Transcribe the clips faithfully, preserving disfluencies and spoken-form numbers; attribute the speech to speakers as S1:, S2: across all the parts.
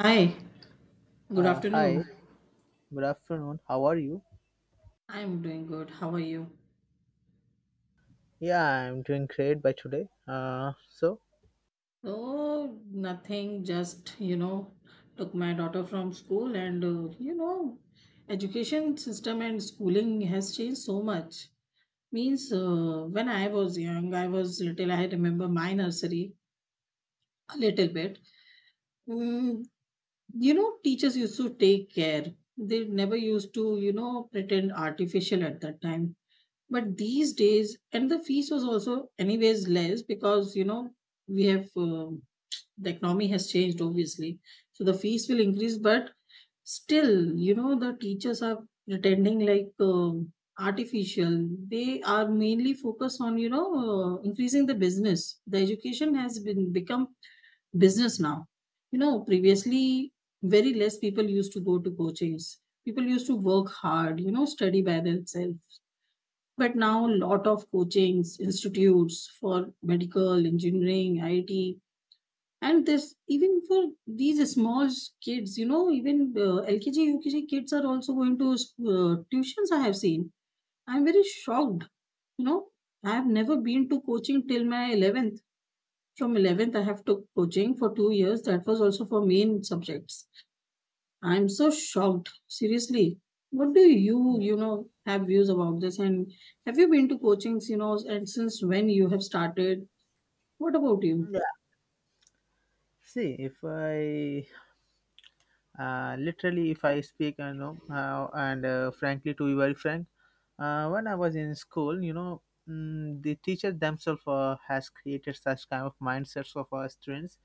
S1: Hi, good
S2: Uh,
S1: afternoon.
S2: hi, good afternoon. How are you?
S1: I'm doing good. How are you?
S2: Yeah, I'm doing great by today. Uh, so
S1: Oh, nothing, just, you know, took my daughter from school and, uh, you know, education system and schooling has changed so much. Means uh, when I was young, I was little, I remember my nursery a little bit. Mm, you know, teachers used to take care. They never used to, you know, pretend artificial at that time. But these days, and the fees was also anyways less because you know we have uh, the economy has changed obviously, so the fees will increase. But still, you know the teachers are pretending like um artificial. They are mainly focused on you know uh, increasing the business. The education has been become business now. You know previously very less people used to go to coachings. People used to work hard. You know study by themselves, but now, a lot of coachings, institutes for medical, engineering, I T, and this even for these small kids, you know, even uh, L K G, U K G kids are also going to uh, tuitions. I have seen. I'm very shocked. You know, I have never been to coaching till my eleventh. From eleventh, I have took coaching for two years. That was also for main subjects. I'm so shocked. Seriously, what do you, you know, have views about this? And have you been to coachings, you know, and since when you have started? What about you?
S2: yeah, see if I uh, literally if I speak, you know, uh, and uh, frankly, to be very frank, uh, when I was in school, you know, mm, the teacher themselves uh, has created such kind of mindsets of our students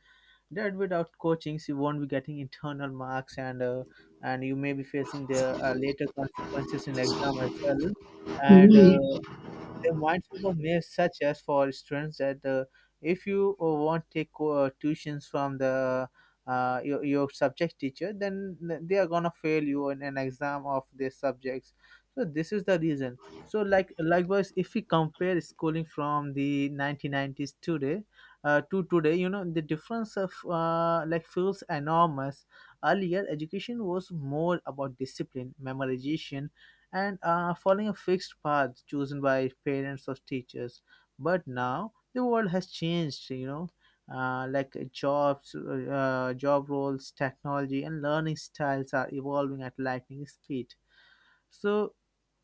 S2: that without coachings you won't be getting internal marks and uh, and you may be facing the uh, later consequences in exam as well and uh,
S1: Mm,
S2: the mindfulness may such as for students that uh, if you uh, want to take uh, tuitions from the uh, your, your subject teacher, then they are gonna fail you in an exam of their subjects. So this is the reason. So like likewise if we compare schooling from the nineteen nineties today, uh, to today, you know, the difference of uh, like feels enormous. Earlier education was more about discipline, memorization, and uh, following a fixed path chosen by parents or teachers. But now the world has changed, you know, uh, like uh, jobs, uh, job roles, technology, and learning styles are evolving at lightning speed. so,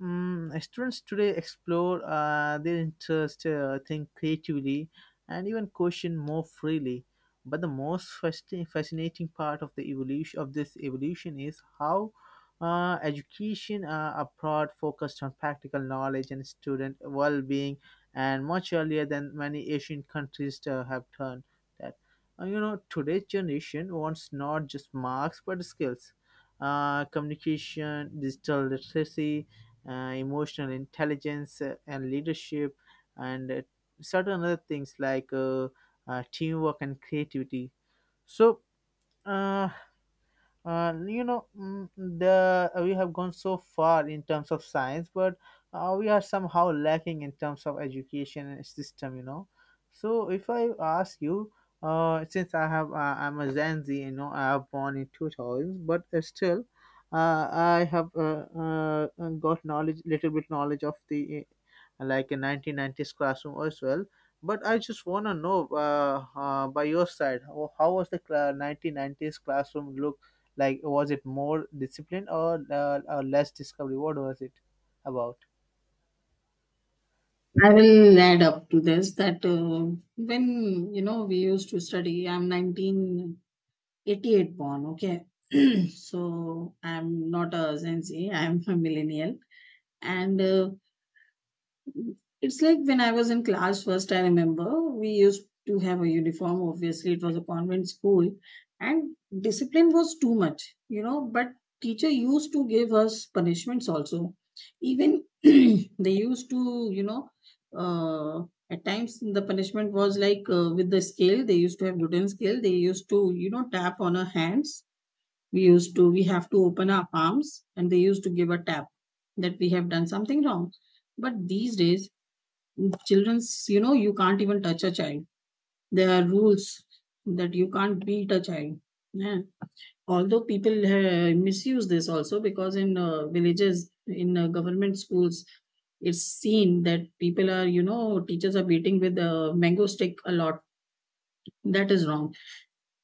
S2: mm students today explore uh, their interest, uh, think creatively, and even question more freely. But the most fasci- fascinating part of the evolution of this evolution is how uh, education uh, abroad focused on practical knowledge and student well-being, and much earlier than many Asian countries uh, have done that. Uh, you know, today's generation wants not just marks but skills, uh, communication, digital literacy, uh, emotional intelligence, uh, and leadership, and uh, certain other things like uh, uh, teamwork and creativity. So, uh, uh, you know mm, the uh, We have gone so far in terms of science, but uh, we are somehow lacking in terms of education and system, you know. So if I ask you, uh, since I have uh, I'm a gen z, you know, I have born in two thousands, but uh, still uh, I have uh, uh, uh, got knowledge little bit knowledge of the uh, like a nineteen nineties classroom as well. But I just want to know uh, uh, by your side, how how was the cla- nineteen nineties classroom look like? Was it more discipline, or, uh, or less discovery? What was it about?
S1: I will add up to this that uh, when, you know, we used to study, I'm nineteen eighty-eight born, okay? So I'm not a Gen Z, I'm a millennial. And uh, It's like when I was in class first, I remember we used to have a uniform. Obviously, it was a convent school, and discipline was too much, you know. But teacher used to give us punishments also. Even they used to, you know, uh, at times the punishment was like uh, with the scale. They used to have wooden scale. They used to, you know, tap on our hands. We used to, we have to open our palms, and they used to give a tap that we have done something wrong. But these days children's you know you can't even touch a child. There are rules that you can't beat a child, yeah. Although people uh, misuse this also, because in uh, villages, in uh, government schools, it's seen that people are, you know teachers are beating with a mango stick a lot. That is wrong.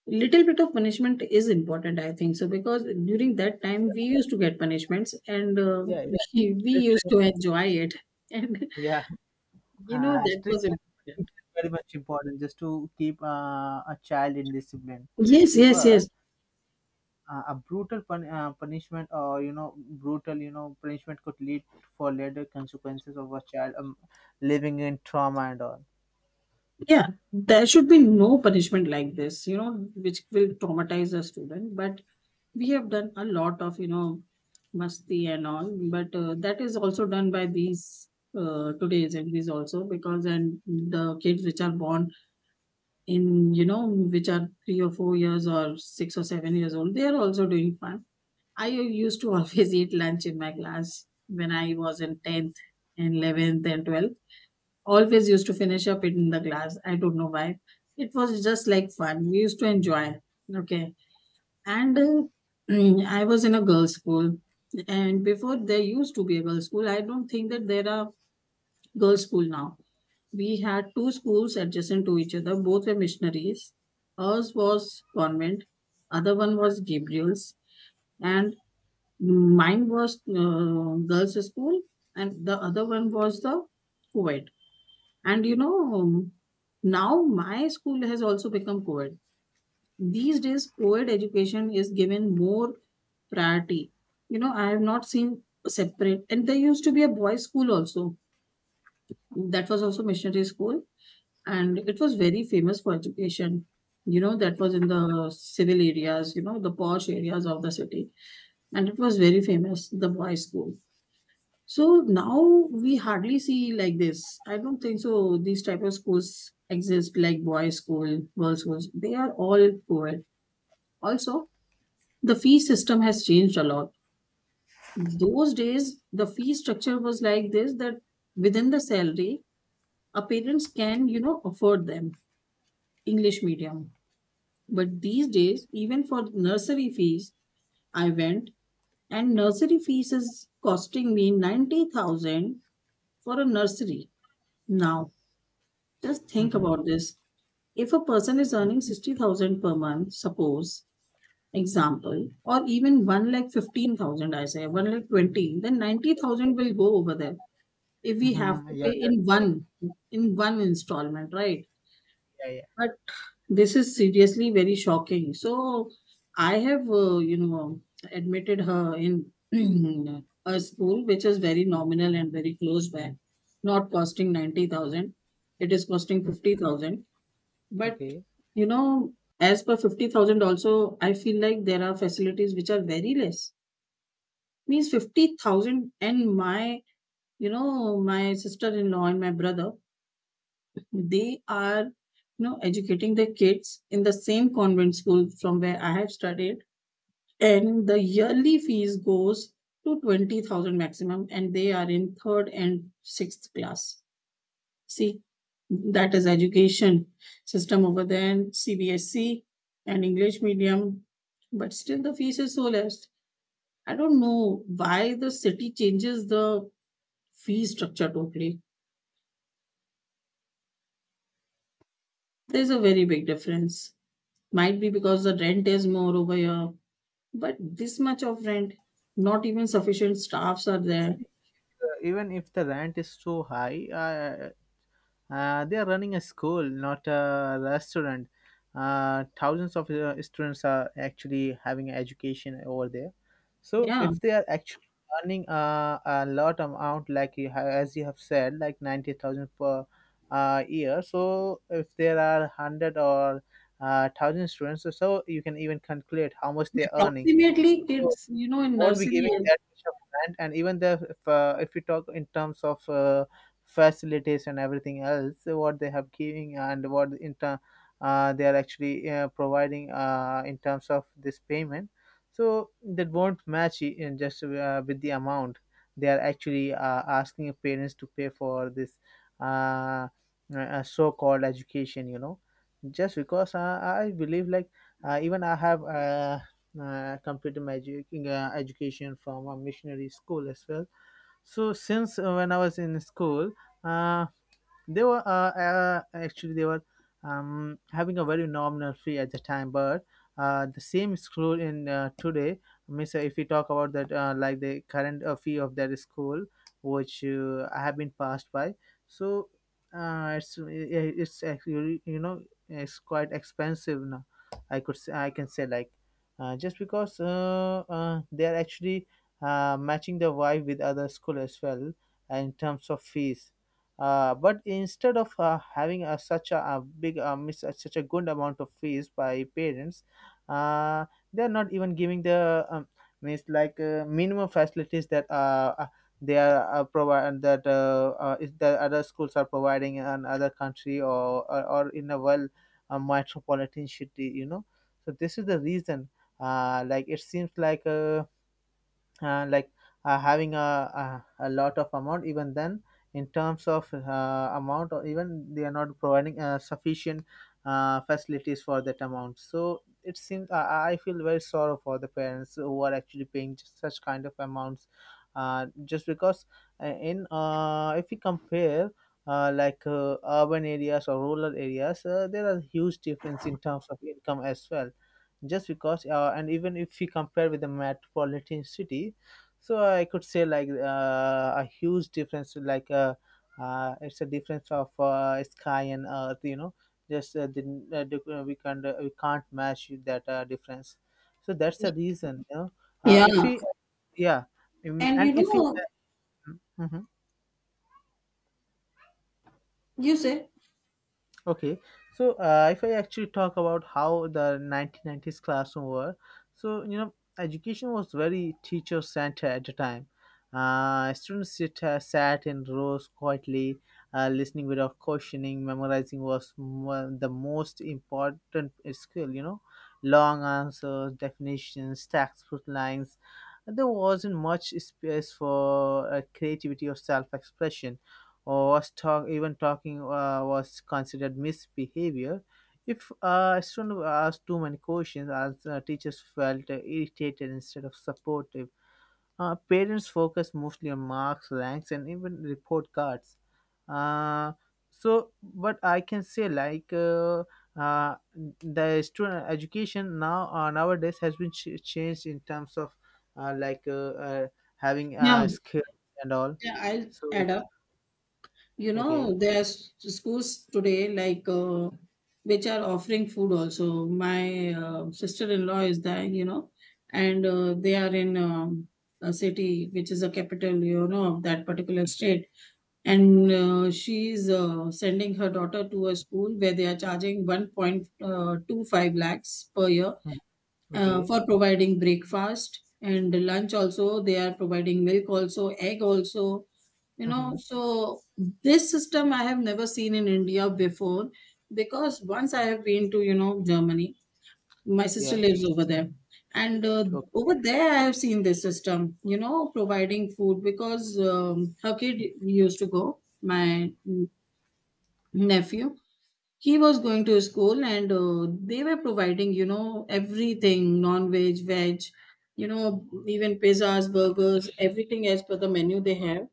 S1: Little bit of punishment is important, I think so, because during that time we used to get punishments and uh,
S2: Yeah,
S1: we, we
S2: it's
S1: used
S2: strict.
S1: to enjoy it. And
S2: yeah
S1: you know
S2: uh,
S1: that was
S2: Strict is
S1: important.
S2: very much important just to keep uh, a child in discipline.
S1: Yes, yes, yes.
S2: But uh, a brutal pun- uh, punishment, or you know brutal you know punishment, could lead for later consequences of a child um, living in trauma and all.
S1: Yeah, there should be no punishment like this, you know, which will traumatize a student. But we have done a lot of, you know, masti and all, but uh, that is also done by these uh, today's M Ps also, because and the kids which are born in, you know, which are three or four years or six or seven years old, they are also doing fun. I used to always eat lunch in my class when I was in tenth and eleventh and twelfth, always used to finish up it in the glass. I don't know why. It was just like fun. We used to enjoy. Okay. And uh, I was in a girls' school. And before there used to be a girls' school, I don't think that there are girls' school now. We had two schools adjacent to each other. Both were missionaries. Ours was convent. Other one was Gabriel's. And mine was uh, girls' school. And the other one was the co and, you know, now my school has also become co ed. These days, co ed education is given more priority. You know, I have not seen separate, and there used to be a boys' school also. That was also missionary school, and it was very famous for education. You know, that was in the civil areas, you know, the posh areas of the city, and it was very famous, the boys' school. So now we hardly see like this. I don't think so. These type of schools exist like boys' school, girls' schools. They are all co-ed. Also, the fee system has changed a lot. Those days, the fee structure was like this that within the salary, our parents can, you know, afford them English medium. But these days, even for nursery fees, I went, and nursery fees is costing me ninety thousand for a nursery now. Just think
S2: Mm-hmm.
S1: about this. If a person is earning sixty thousand per month, suppose, example, or even one lakh fifteen thousand, I say, one lakh twenty, then ninety thousand will go over there if we have
S2: Mm-hmm.
S1: to
S2: Yeah,
S1: pay
S2: that's
S1: in
S2: the thing.
S1: one, in one installment, right?
S2: Yeah, yeah.
S1: But this is seriously very shocking. So I have, uh, you know, admitted her in a school which is very nominal and very close by, not costing ninety thousand. It is costing
S2: Mm.
S1: fifty thousand, but
S2: Okay.
S1: you know, as per fifty thousand also, I feel like there are facilities which are very less. Means fifty thousand, and my, you know, my sister-in-law and my brother, they are, you know, educating their kids in the same convent school from where I have studied. And the yearly fees goes to twenty thousand maximum, and they are in third and sixth class. See, that is education system over there, and C B S E and English medium, but still the fees is so less. I don't know why the city changes the fee structure totally. There's a very big difference. Might be because the rent is more over here, but this much of rent, not even sufficient staffs are there.
S2: Uh, even if the rent is so high, uh, Uh, they are running a school, not a restaurant. Uh, thousands of uh, students are actually having education over there. So
S1: Yeah,
S2: if they are actually earning uh, a lot amount, like you have, as you have said, like ninety thousand per uh, year. So if there are one hundred or uh, one thousand students, so you can even calculate how much they are earning.
S1: approximately
S2: So,
S1: kids, you know, in
S2: won't be
S1: nursery.
S2: giving that much of rent. And even the if, uh, if we talk in terms of uh, facilities and everything else, uh, what they have giving and what in ter- uh, they are actually uh, providing uh, in terms of this payment, so that won't match i- in just uh, with the amount they are actually uh, asking parents to pay for this uh, uh, so-called education. You know, just because uh, I believe like uh, even I have. Uh, uh, computer magic uh, education from a missionary school as well. So since uh, when I was in school, uh, they were uh, uh, actually they were um, having a very nominal fee at the time, but uh, the same school in uh, today. Means uh, if we talk about that, uh, like the current uh, fee of that school, which uh, I have been passed by, so uh, it's yeah, it's actually you know it's quite expensive now. I could say, I can say like uh, just because uh, uh, they are actually uh, matching the vibe with other school as well in terms of fees. Uh, but instead of uh, having a, such a, a big uh, mis- uh, such a good amount of fees by parents, uh, they are not even giving the um, means like uh, minimum facilities that uh, uh, they are uh, provide that uh, uh, is the other schools are providing in another country, or or, or in a well uh, metropolitan city. You know, so this is the reason. Uh, like it seems like uh, uh, like uh, having a, a a lot of amount, even then in terms of uh, amount, or even they are not providing uh, sufficient uh, facilities for that amount. So it seems uh, I, I feel very sorrow for the parents who are actually paying such kind of amounts, uh, just because uh, in uh, if we compare uh, like uh, urban areas or rural areas, uh, there are huge difference in terms of income as well, just because uh, and even if we compare with the metropolitan city. So I could say like uh, a huge difference, like uh, uh, it's a difference of uh, sky and earth, you know. just uh, the, uh, the, uh, we can't uh, we can't match that uh, difference. So that's the reason, you know. uh, if
S1: Yeah,
S2: we yeah, mm,
S1: and
S2: and
S1: you
S2: if we
S1: know,
S2: Mhm.
S1: you say,
S2: Okay, so uh, if I actually talk about how the nineteen nineties classroom were, so you know, education was very teacher centered at the time. Uh, students sit, uh, sat in rows quietly, uh, listening without questioning. Memorizing was one, the most important skill, you know. Long answers, definitions, textbook lines. There wasn't much space for uh, creativity or self expression, or was talk even talking uh, was considered misbehavior. If uh, a student asked too many questions as uh, teachers felt uh, irritated instead of supportive. Uh, parents focused mostly on marks, ranks, and even report cards. Uh, so but I can say like uh, uh, the student education now uh, nowadays has been ch- changed in terms of uh, like uh, uh, having
S1: yeah,
S2: uh, skills and all.
S1: yeah, I'll
S2: So
S1: add up. You know,
S2: okay.
S1: there's schools today like uh, which are offering food also. My uh, sister-in-law is there, you know, and uh, they are in um, a city which is a capital, you know, of that particular state. And uh, she's uh, sending her daughter to a school where they are charging one point two five lakhs per year, uh,
S2: Okay.
S1: for providing breakfast and lunch also. They are providing milk also, egg also. You know
S2: Hmm.
S1: so this system I have never seen in India before, because once I have been to, you know Germany. My sister
S2: Yeah.
S1: lives over there, and uh,
S2: Okay.
S1: over there I have seen this system, you know providing food, because um, her kid used to go, my nephew, he was going to school, and uh, they were providing, you know everything, non-veg, veg, you know even pizzas, burgers, everything as per the menu they have.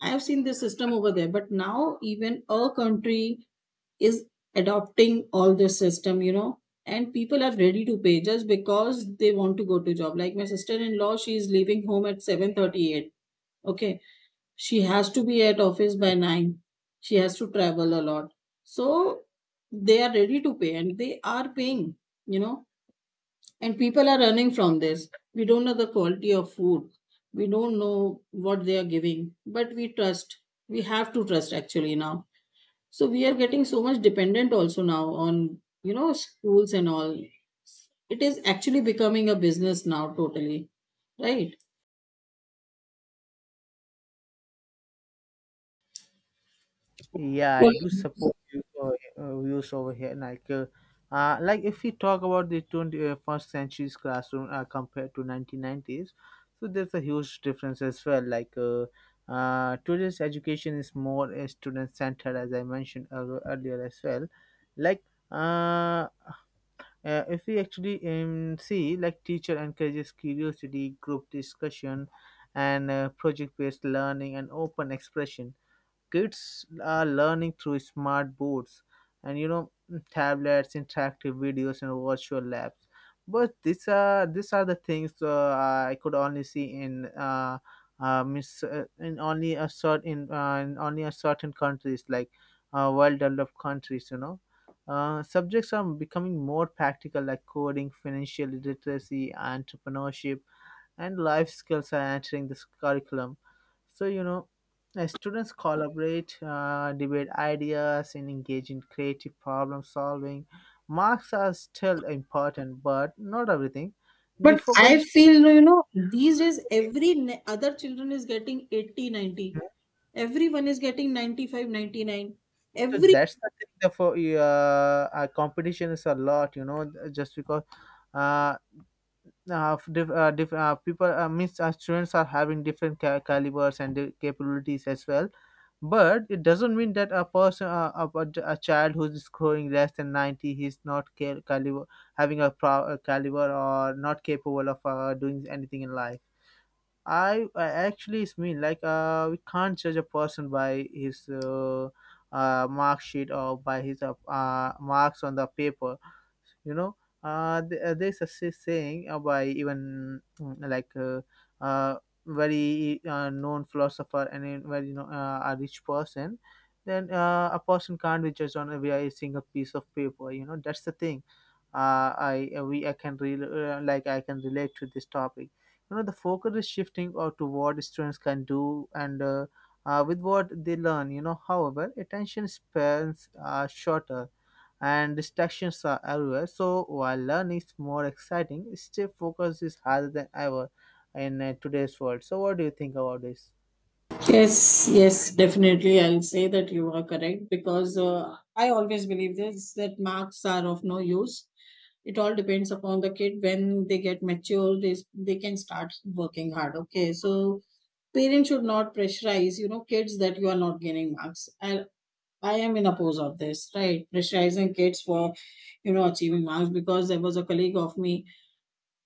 S1: I have seen this system over there, but now even a country is adopting all this system, you know, and people are ready to pay just because they want to go to job. Like my sister-in-law, she is leaving home at seven thirty-eight. Okay. She has to be at office by nine. She has to travel a lot. So they are ready to pay, and they are paying, you know and people are running from this. We don't know the quality of food. We don't know what they are giving, but we trust. We have to trust actually now. So we are getting so much dependent also now on, you know schools and all. It is actually becoming a business now totally, right?
S2: Yeah, I
S1: but,
S2: do support you, uh, uh, views over here. Like, uh, uh, like if we talk about the twenty-first century's classroom uh, compared to nineteen nineties, so there's a huge difference as well. Like, uh, uh, today's education is more uh, student centered, as I mentioned ear- earlier as well. Like, uh, uh, if we actually um, see, like teacher encourages curiosity, group discussion, and uh, project-based learning and open expression. Kids are learning through smart boards and you know tablets, interactive videos, and virtual labs. But these are these are the things uh, I could only see in uh, uh, miss, uh, in only a certain uh, in only a certain countries like uh, well developed countries, you know. Uh, subjects are becoming more practical, like coding, financial literacy, entrepreneurship, and life skills are entering this curriculum. So, you know, uh, students collaborate, uh, debate ideas, and engage in creative problem solving. Marks are still important, but not everything. The
S1: but
S2: focus
S1: I
S2: is
S1: feel, you know these days
S2: okay.
S1: every ne- other children is getting eighty ninety. Everyone is getting ninety five ninety nine. ninety-nine.
S2: So that's the thing. The for uh, uh, Competition is a lot, you know, just because uh, uh, diff, uh, diff, uh people uh, means uh, students are having different ca- calibers and the capabilities as well. But it doesn't mean that a person a, a, a a child who's scoring less than ninety he's not ca- caliber having a, pro, a caliber or not capable of uh, doing anything in life. I, I actually it's mean like uh, we can't judge a person by his uh, uh, mark sheet or by his uh, uh, marks on the paper, you know. Uh, th- uh, there's a say- saying uh, by even mm, like uh, uh, very uh, known philosopher and a very you know, uh, a rich person, then uh, a person can't be judged on a via a single piece of paper, you know, that's the thing. Uh, I uh, we I can re- uh, like I can relate to this topic, you know. The focus is shifting or to what students can do and uh, uh, with what they learn, you know. However, attention spans are shorter and distractions are everywhere. So while learning is more exciting, stay focus is harder than ever in uh, today's world. So what do you think about this?
S1: Yes, yes, definitely. I'll say that you are correct, because uh, I always believe this that marks are of no use. It all depends upon the kid. When they get mature, they, they can start working hard. Okay, so parents should not pressurize, you know, kids that you are not gaining marks. I, I am in oppose of this, right? Pressurizing kids for, you know, achieving marks, because there was a colleague of me,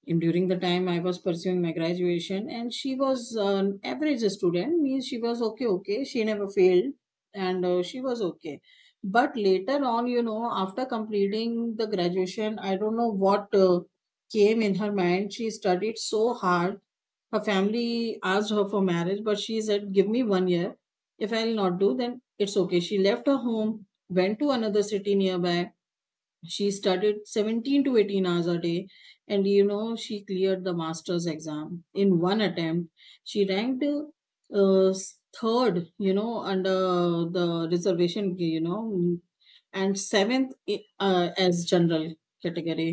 S1: and during the time I was pursuing my graduation, and she was an average student, means she was okay, okay. She never failed, and uh, she was okay. But later on, you know, after completing the graduation, I don't know what uh, came in her mind. She studied so hard. Her family asked her for marriage, but she said, "Give me one year. If I'll not do, then it's okay." She left her home, went to another city nearby. She studied seventeen to eighteen hours a day, and you know she cleared the master's exam in one attempt. She ranked uh, third, you know under the reservation, you know and seventh, uh, as general category.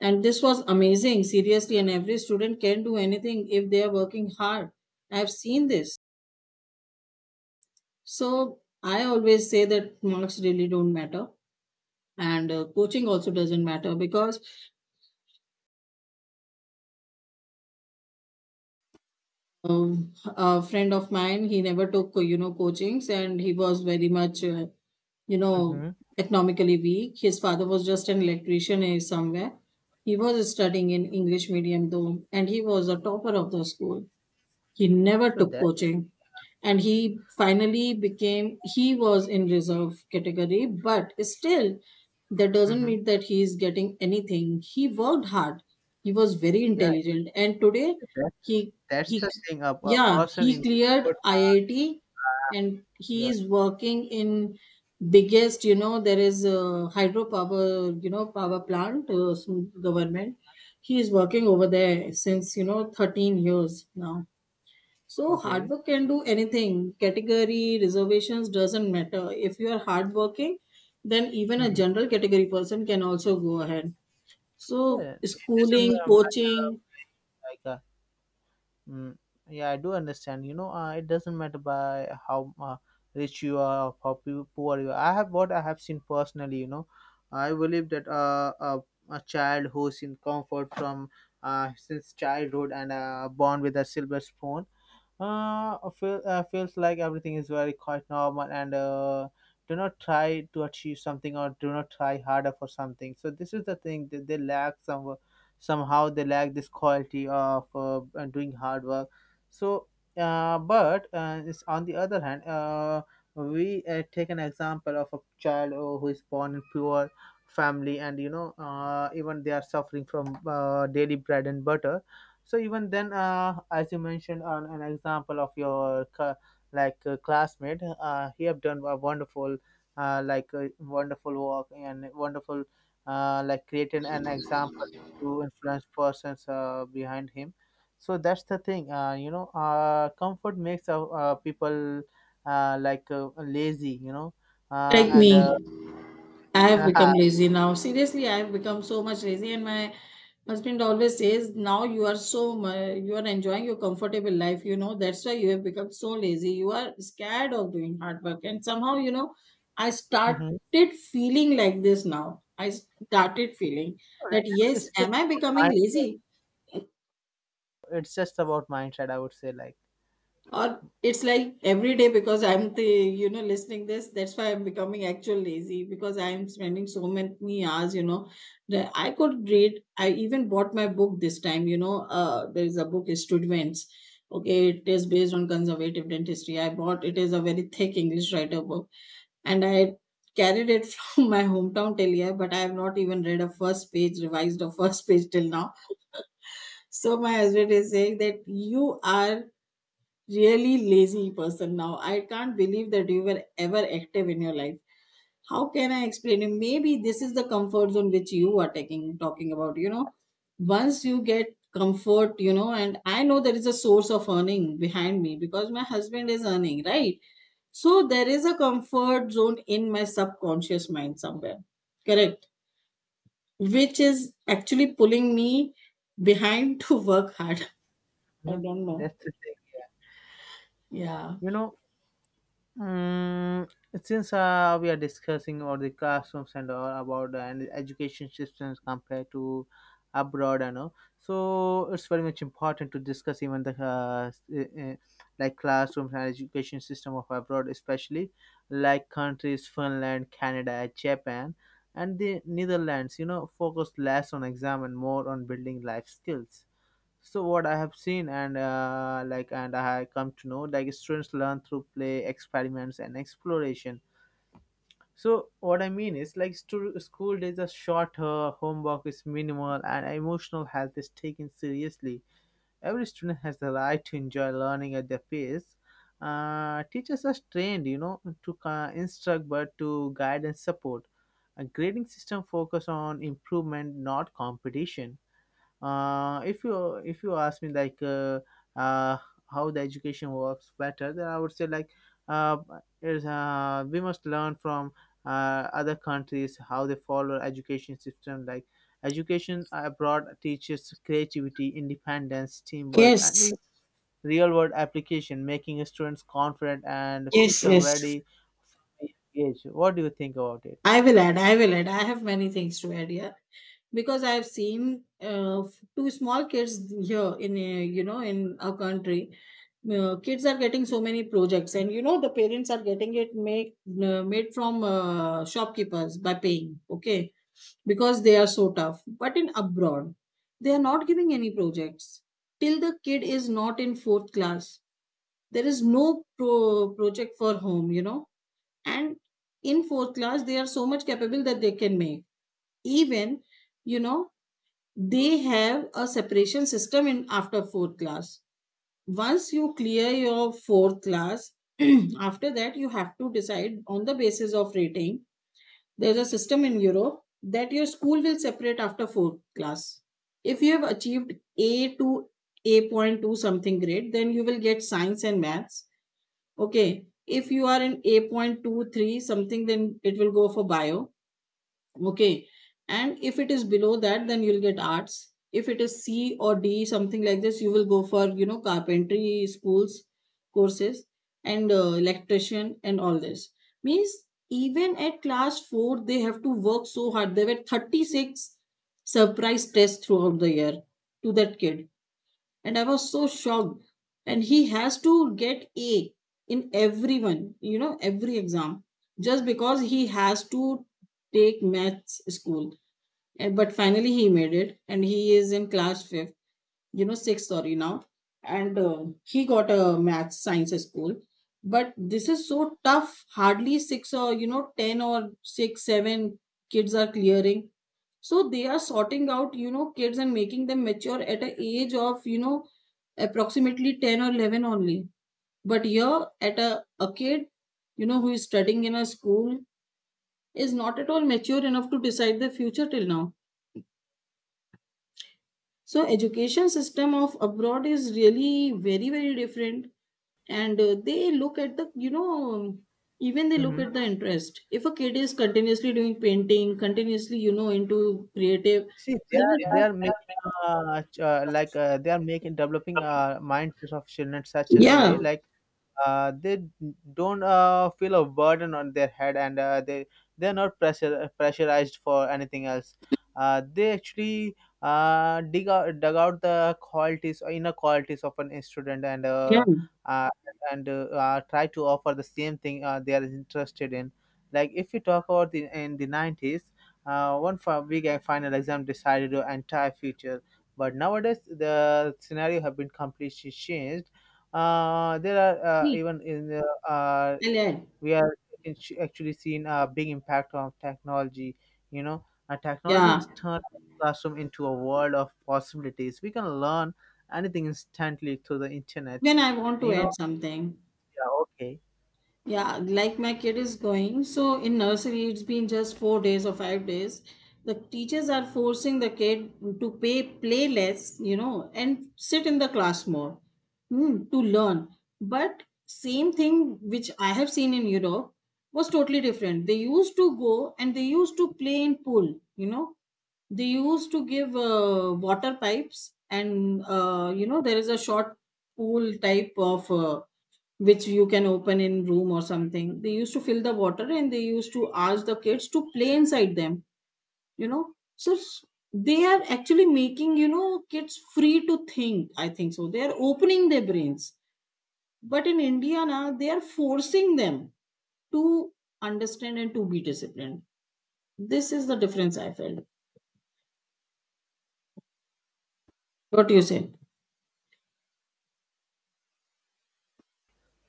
S1: And this was amazing, seriously. And every student can do anything if they are working hard. I have seen this. So I always say that marks really don't matter, and uh, coaching also doesn't matter, because um, a friend of mine, he never took, you know coachings, and he was very much, uh, you know
S2: Mm-hmm.
S1: economically weak. His father was just an electrician, eh, somewhere. He was studying in English medium though, and he was a topper of the school. He never
S2: So
S1: took
S2: that's
S1: coaching. And he finally became, he was in reserve category, but
S2: it.
S1: still that doesn't
S2: Mm-hmm.
S1: mean that he is getting anything. He worked hard. He was very
S2: Yeah,
S1: intelligent. And today
S2: so that,
S1: he
S2: that's
S1: he
S2: the thing. A, a
S1: yeah,
S2: person
S1: he
S2: in
S1: cleared
S2: good time.
S1: I I T, and he
S2: Yeah.
S1: is working in biggest, you know there is a hydropower, you know power plant, uh, some government. He is working over there since, you know thirteen years now. So hard
S2: Okay.
S1: work can do anything. Category reservations doesn't matter. If you are hardworking, then even a
S2: Mm-hmm.
S1: general category person can also go ahead. So
S2: Yeah. It doesn't
S1: schooling,
S2: uh, matter
S1: coaching,
S2: like. Uh, Mm, yeah, I do understand. You know, uh, it doesn't matter by how uh, rich you are, or how pu- poor you are. I have what I have seen personally. You know, I believe that uh, a, a child who's in comfort from uh, since childhood and uh, born with a silver spoon, uh, I feel, uh, feels like everything is very quite normal and uh, do not try to achieve something or do not try harder for something. So this is the thing that they lack some somehow they lack this quality of uh, uh, doing hard work. So, uh, but uh, it's on the other hand, uh, we uh, take an example of a child uh, who is born in poor family, and you know, uh, even they are suffering from uh, daily bread and butter. So even then, uh, as you mentioned, on an example of your cl- like uh, classmate, uh, he have done a wonderful, uh, like uh, wonderful work and wonderful, uh, like creating an example to influence persons uh, behind him. So that's the thing. Uh, you know, uh, comfort makes uh, uh, people uh, like uh, lazy. You know, uh,
S1: like
S2: and uh,
S1: me. I have become lazy now. Seriously, I have become so much lazy, and my husband always says, "Now you are so mu- you are enjoying your comfortable life. You know that's why you have become so lazy. You are scared of doing hard work." And somehow, you know, I
S2: Mhm.
S1: started feeling like this now. I started feeling that,
S2: it's,
S1: yes,
S2: it's just
S1: am I
S2: about
S1: becoming
S2: mind.
S1: lazy?
S2: It's just about mindset, I would say, like.
S1: Or it's like every day, because I'm the, you know listening this, that's why I'm becoming actual lazy, because I'm spending so many hours, you know that I could read. I even bought my book this time, you know uh, there is a book, students. Okay, it is based on conservative dentistry, I bought, it is a very thick English writer book, and I carried it from my hometown till here, but I have not even read a first page, revised a first page till now. So my husband is saying that you are really lazy person now. I can't believe that you were ever active in your life. How can I explain it? Maybe this is the comfort zone which you are taking, talking about. You know, once you get comfort, you know, and I know there is a source of earning behind me because my husband is earning, right? So there is a comfort zone in my subconscious mind somewhere. Correct. Which is actually pulling me behind to work hard. I
S2: Mhm.
S1: don't know.
S2: That's the thing.
S1: Yeah.
S2: You know, Mm, since uh, we are discussing about the classrooms and all about the and education systems compared to abroad and all, so it's very much important to discuss even the uh, s- uh, uh, like classrooms and education system of abroad, especially like countries Finland, Canada, Japan, and the Netherlands. You know, focus less on exam and more on building life skills. So what I have seen and, uh, like, and I have come to know, like, students learn through play, experiments, and exploration. So what I mean is, like, stu- school days are shorter, homework is minimal, and emotional health is taken seriously. Every student has the right to enjoy learning at their pace. Uh, teachers are trained, you know, to uh, instruct but to guide and support. A grading system focus on improvement, not competition. Uh, if you if you ask me, like uh, uh, how the education works better, then I would say, like, uh, is uh, we must learn from uh, other countries how they follow education system. Like, education abroad teaches creativity, independence, teamwork, and
S1: Yes,
S2: the real world application, making students confident and
S1: yes,
S2: future
S1: yes.
S2: ready, engaged. What do you think about it?
S1: I will add, I will add. I have many things to add here, because I have seen uh, f- two small kids here in, uh, you know, in our country. Uh, kids are getting so many projects, and you know, the parents are getting it make, uh, made from uh, shopkeepers by paying, okay, because they are so tough. But in abroad, they are not giving any projects till the kid is not in fourth class. There is no pro- project for home, you know and in fourth class they are so much capable that they can make, even, you know they have a separation system in after fourth class. Once you clear your fourth class, after that you have to decide on the basis of rating. There's a system in Europe that your school will separate after fourth class. If you have achieved a to A point two something grade, then you will get science and maths. Okay. If you are in A point two three something, then it will go for bio. Okay. And if it is below that, then you'll get arts. If it is C or D, something like this, you will go for, you know, carpentry schools, courses, and uh, electrician and all this. Means even at class four, they have to work so hard. There were thirty-six surprise tests throughout the year to that kid, and I was so shocked. And he has to get A in everyone, you know, every exam, just because he has to take maths school. And, but finally, he made it, and he is in class fifth, you know, sixth, sorry, now. And uh, he got a maths science school. But this is so tough. Hardly six or, you know, ten or six, seven kids are clearing. So they are sorting out, you know kids and making them mature at a age of, you know approximately ten or eleven only. But here at a, a kid, you know who is studying in a school, is not at all mature enough to decide their future till now. So education system of abroad is really very very different. And uh, they look at the, you know even they look
S2: Mhm.
S1: at the interest. If a kid is continuously doing painting, continuously, you know into creative,
S2: See,
S1: they
S2: they are, they
S1: will
S2: are making uh, ch- uh, like uh, they are making developing uh, mindsets of children such as a
S1: yeah,
S2: way like uh, they don't uh, feel a burden on their head, and uh, they they're not pressure pressurized for anything else. Uh, they actually uh, dig out dug out the qualities or inner qualities of an student, and
S1: yeah,
S2: uh, uh, and uh, uh, try to offer the same thing uh, they are interested in. Like, if we talk about the, in the nineties, uh, one fi- big final exam decided your entire future, but nowadays the scenario have been completely changed. Uh, there are, uh, even in the, uh,
S1: I'll add.
S2: we are in- actually seeing a big impact of technology. You know, uh, technology
S1: Yeah.
S2: has turned the classroom into a world of possibilities. We can learn anything instantly through the internet.
S1: Even I want to
S2: You know,
S1: add something.
S2: yeah, okay.
S1: Yeah, like my kid is going, so in nursery it's been just four days or five days. The teachers are forcing the kid to pay play less, you know, and sit in the class more, hmm, to learn. But same thing which I have seen in Europe was totally different. They used to go and they used to play in pool, you know, they used to give uh, water pipes and uh, you know there is a short pool type of uh, which you can open in room or something. They used to fill the water and they used to ask the kids to play inside them, you know so s- they are actually making, you know kids free to think. I think so they are opening their brains. But in India now they are forcing them to understand and to be disciplined. This is the difference I felt. What do you say?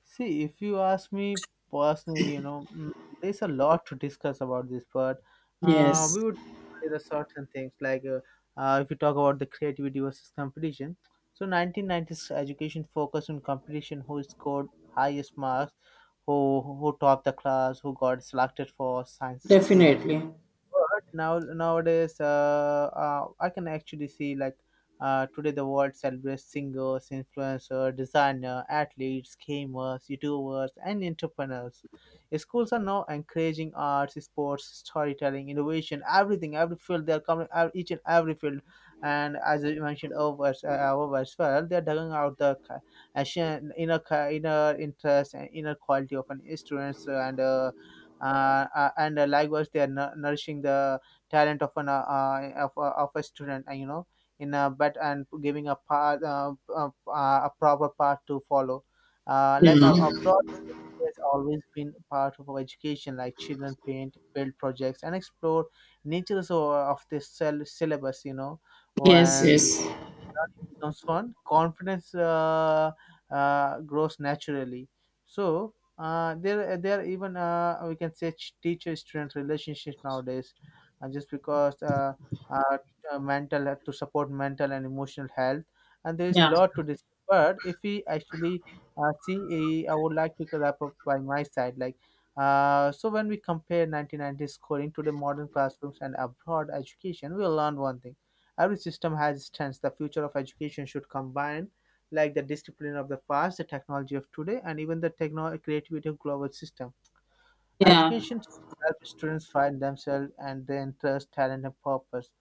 S2: See, if you ask me personally, you know, mm, there's a lot to discuss about this, but uh,
S1: Yes.
S2: we would say the sorts things like, uh, uh, if you talk about the creativity versus competition. So, nineteen nineties education focused on competition: who scored highest marks, who who topped the class, who got selected for science stream.
S1: Definitely.
S2: But now nowadays, uh, uh, I can actually see, like, uh, today the world celebrates singers, influencers, designer, athletes, gamers, YouTubers, and entrepreneurs. Schools are now encouraging arts, sports, storytelling, innovation, everything, every field. They are coming ev- each and every field, and as you mentioned over, uh, over as well, they are digging out the ca- ancient inner ca- inner interest and inner quality of an students and. Uh, uh, uh, and uh, likewise, they are nu- nourishing the talent of an, uh, uh, of, a- of a student, uh, you know, in a but and giving a path, uh, uh, uh, a proper path to follow. Uh, like, uh,
S1: Yeah.
S2: abroad has always been part of our education. Like, children paint, build projects, and explore nature. So uh, of this syll- syllabus, you know,
S1: Yes,
S2: when
S1: yes.
S2: learning becomes fun, confidence uh, uh, grows naturally. So uh, there, there are even, uh, we can say, teacher-student relationships nowadays, uh, just because uh, uh, uh, mental, uh, to support mental and emotional health, and there is
S1: Yeah.
S2: lot to this. But if we actually uh, see, uh, I would like to wrap up by my side, like. Uh, so when we compare nineteen nineties scoring to the modern classrooms and abroad education, we'll learn one thing. Every system has its strengths. The future of education should combine, like, the discipline of the past, the technology of today, and even the techno- creativity of global system.
S1: Yeah.
S2: Education helps students find themselves and their interest, talent, and purpose.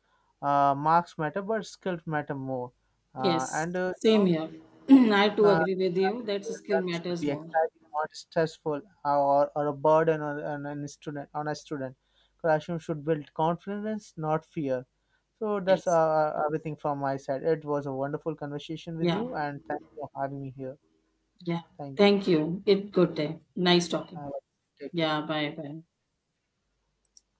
S2: Uh, marks matter, but skills matter more. Uh,
S1: Yes.
S2: and uh,
S1: Same
S2: you
S1: here. I
S2: know,
S1: too
S2: uh,
S1: agree with you that skill
S2: learning should
S1: matters
S2: be
S1: more.
S2: exciting, not stressful or, or a burden on, on an student. On a student, classroom should build confidence, not fear. So that's uh,
S1: Yes.
S2: uh, everything from my side. It was a wonderful conversation with
S1: Yeah.
S2: you, and thanks for having me here.
S1: Yeah.
S2: Thank you.
S1: Thank you. It good day. Nice talking.
S2: Uh, Take care.
S1: Yeah. Bye. Bye.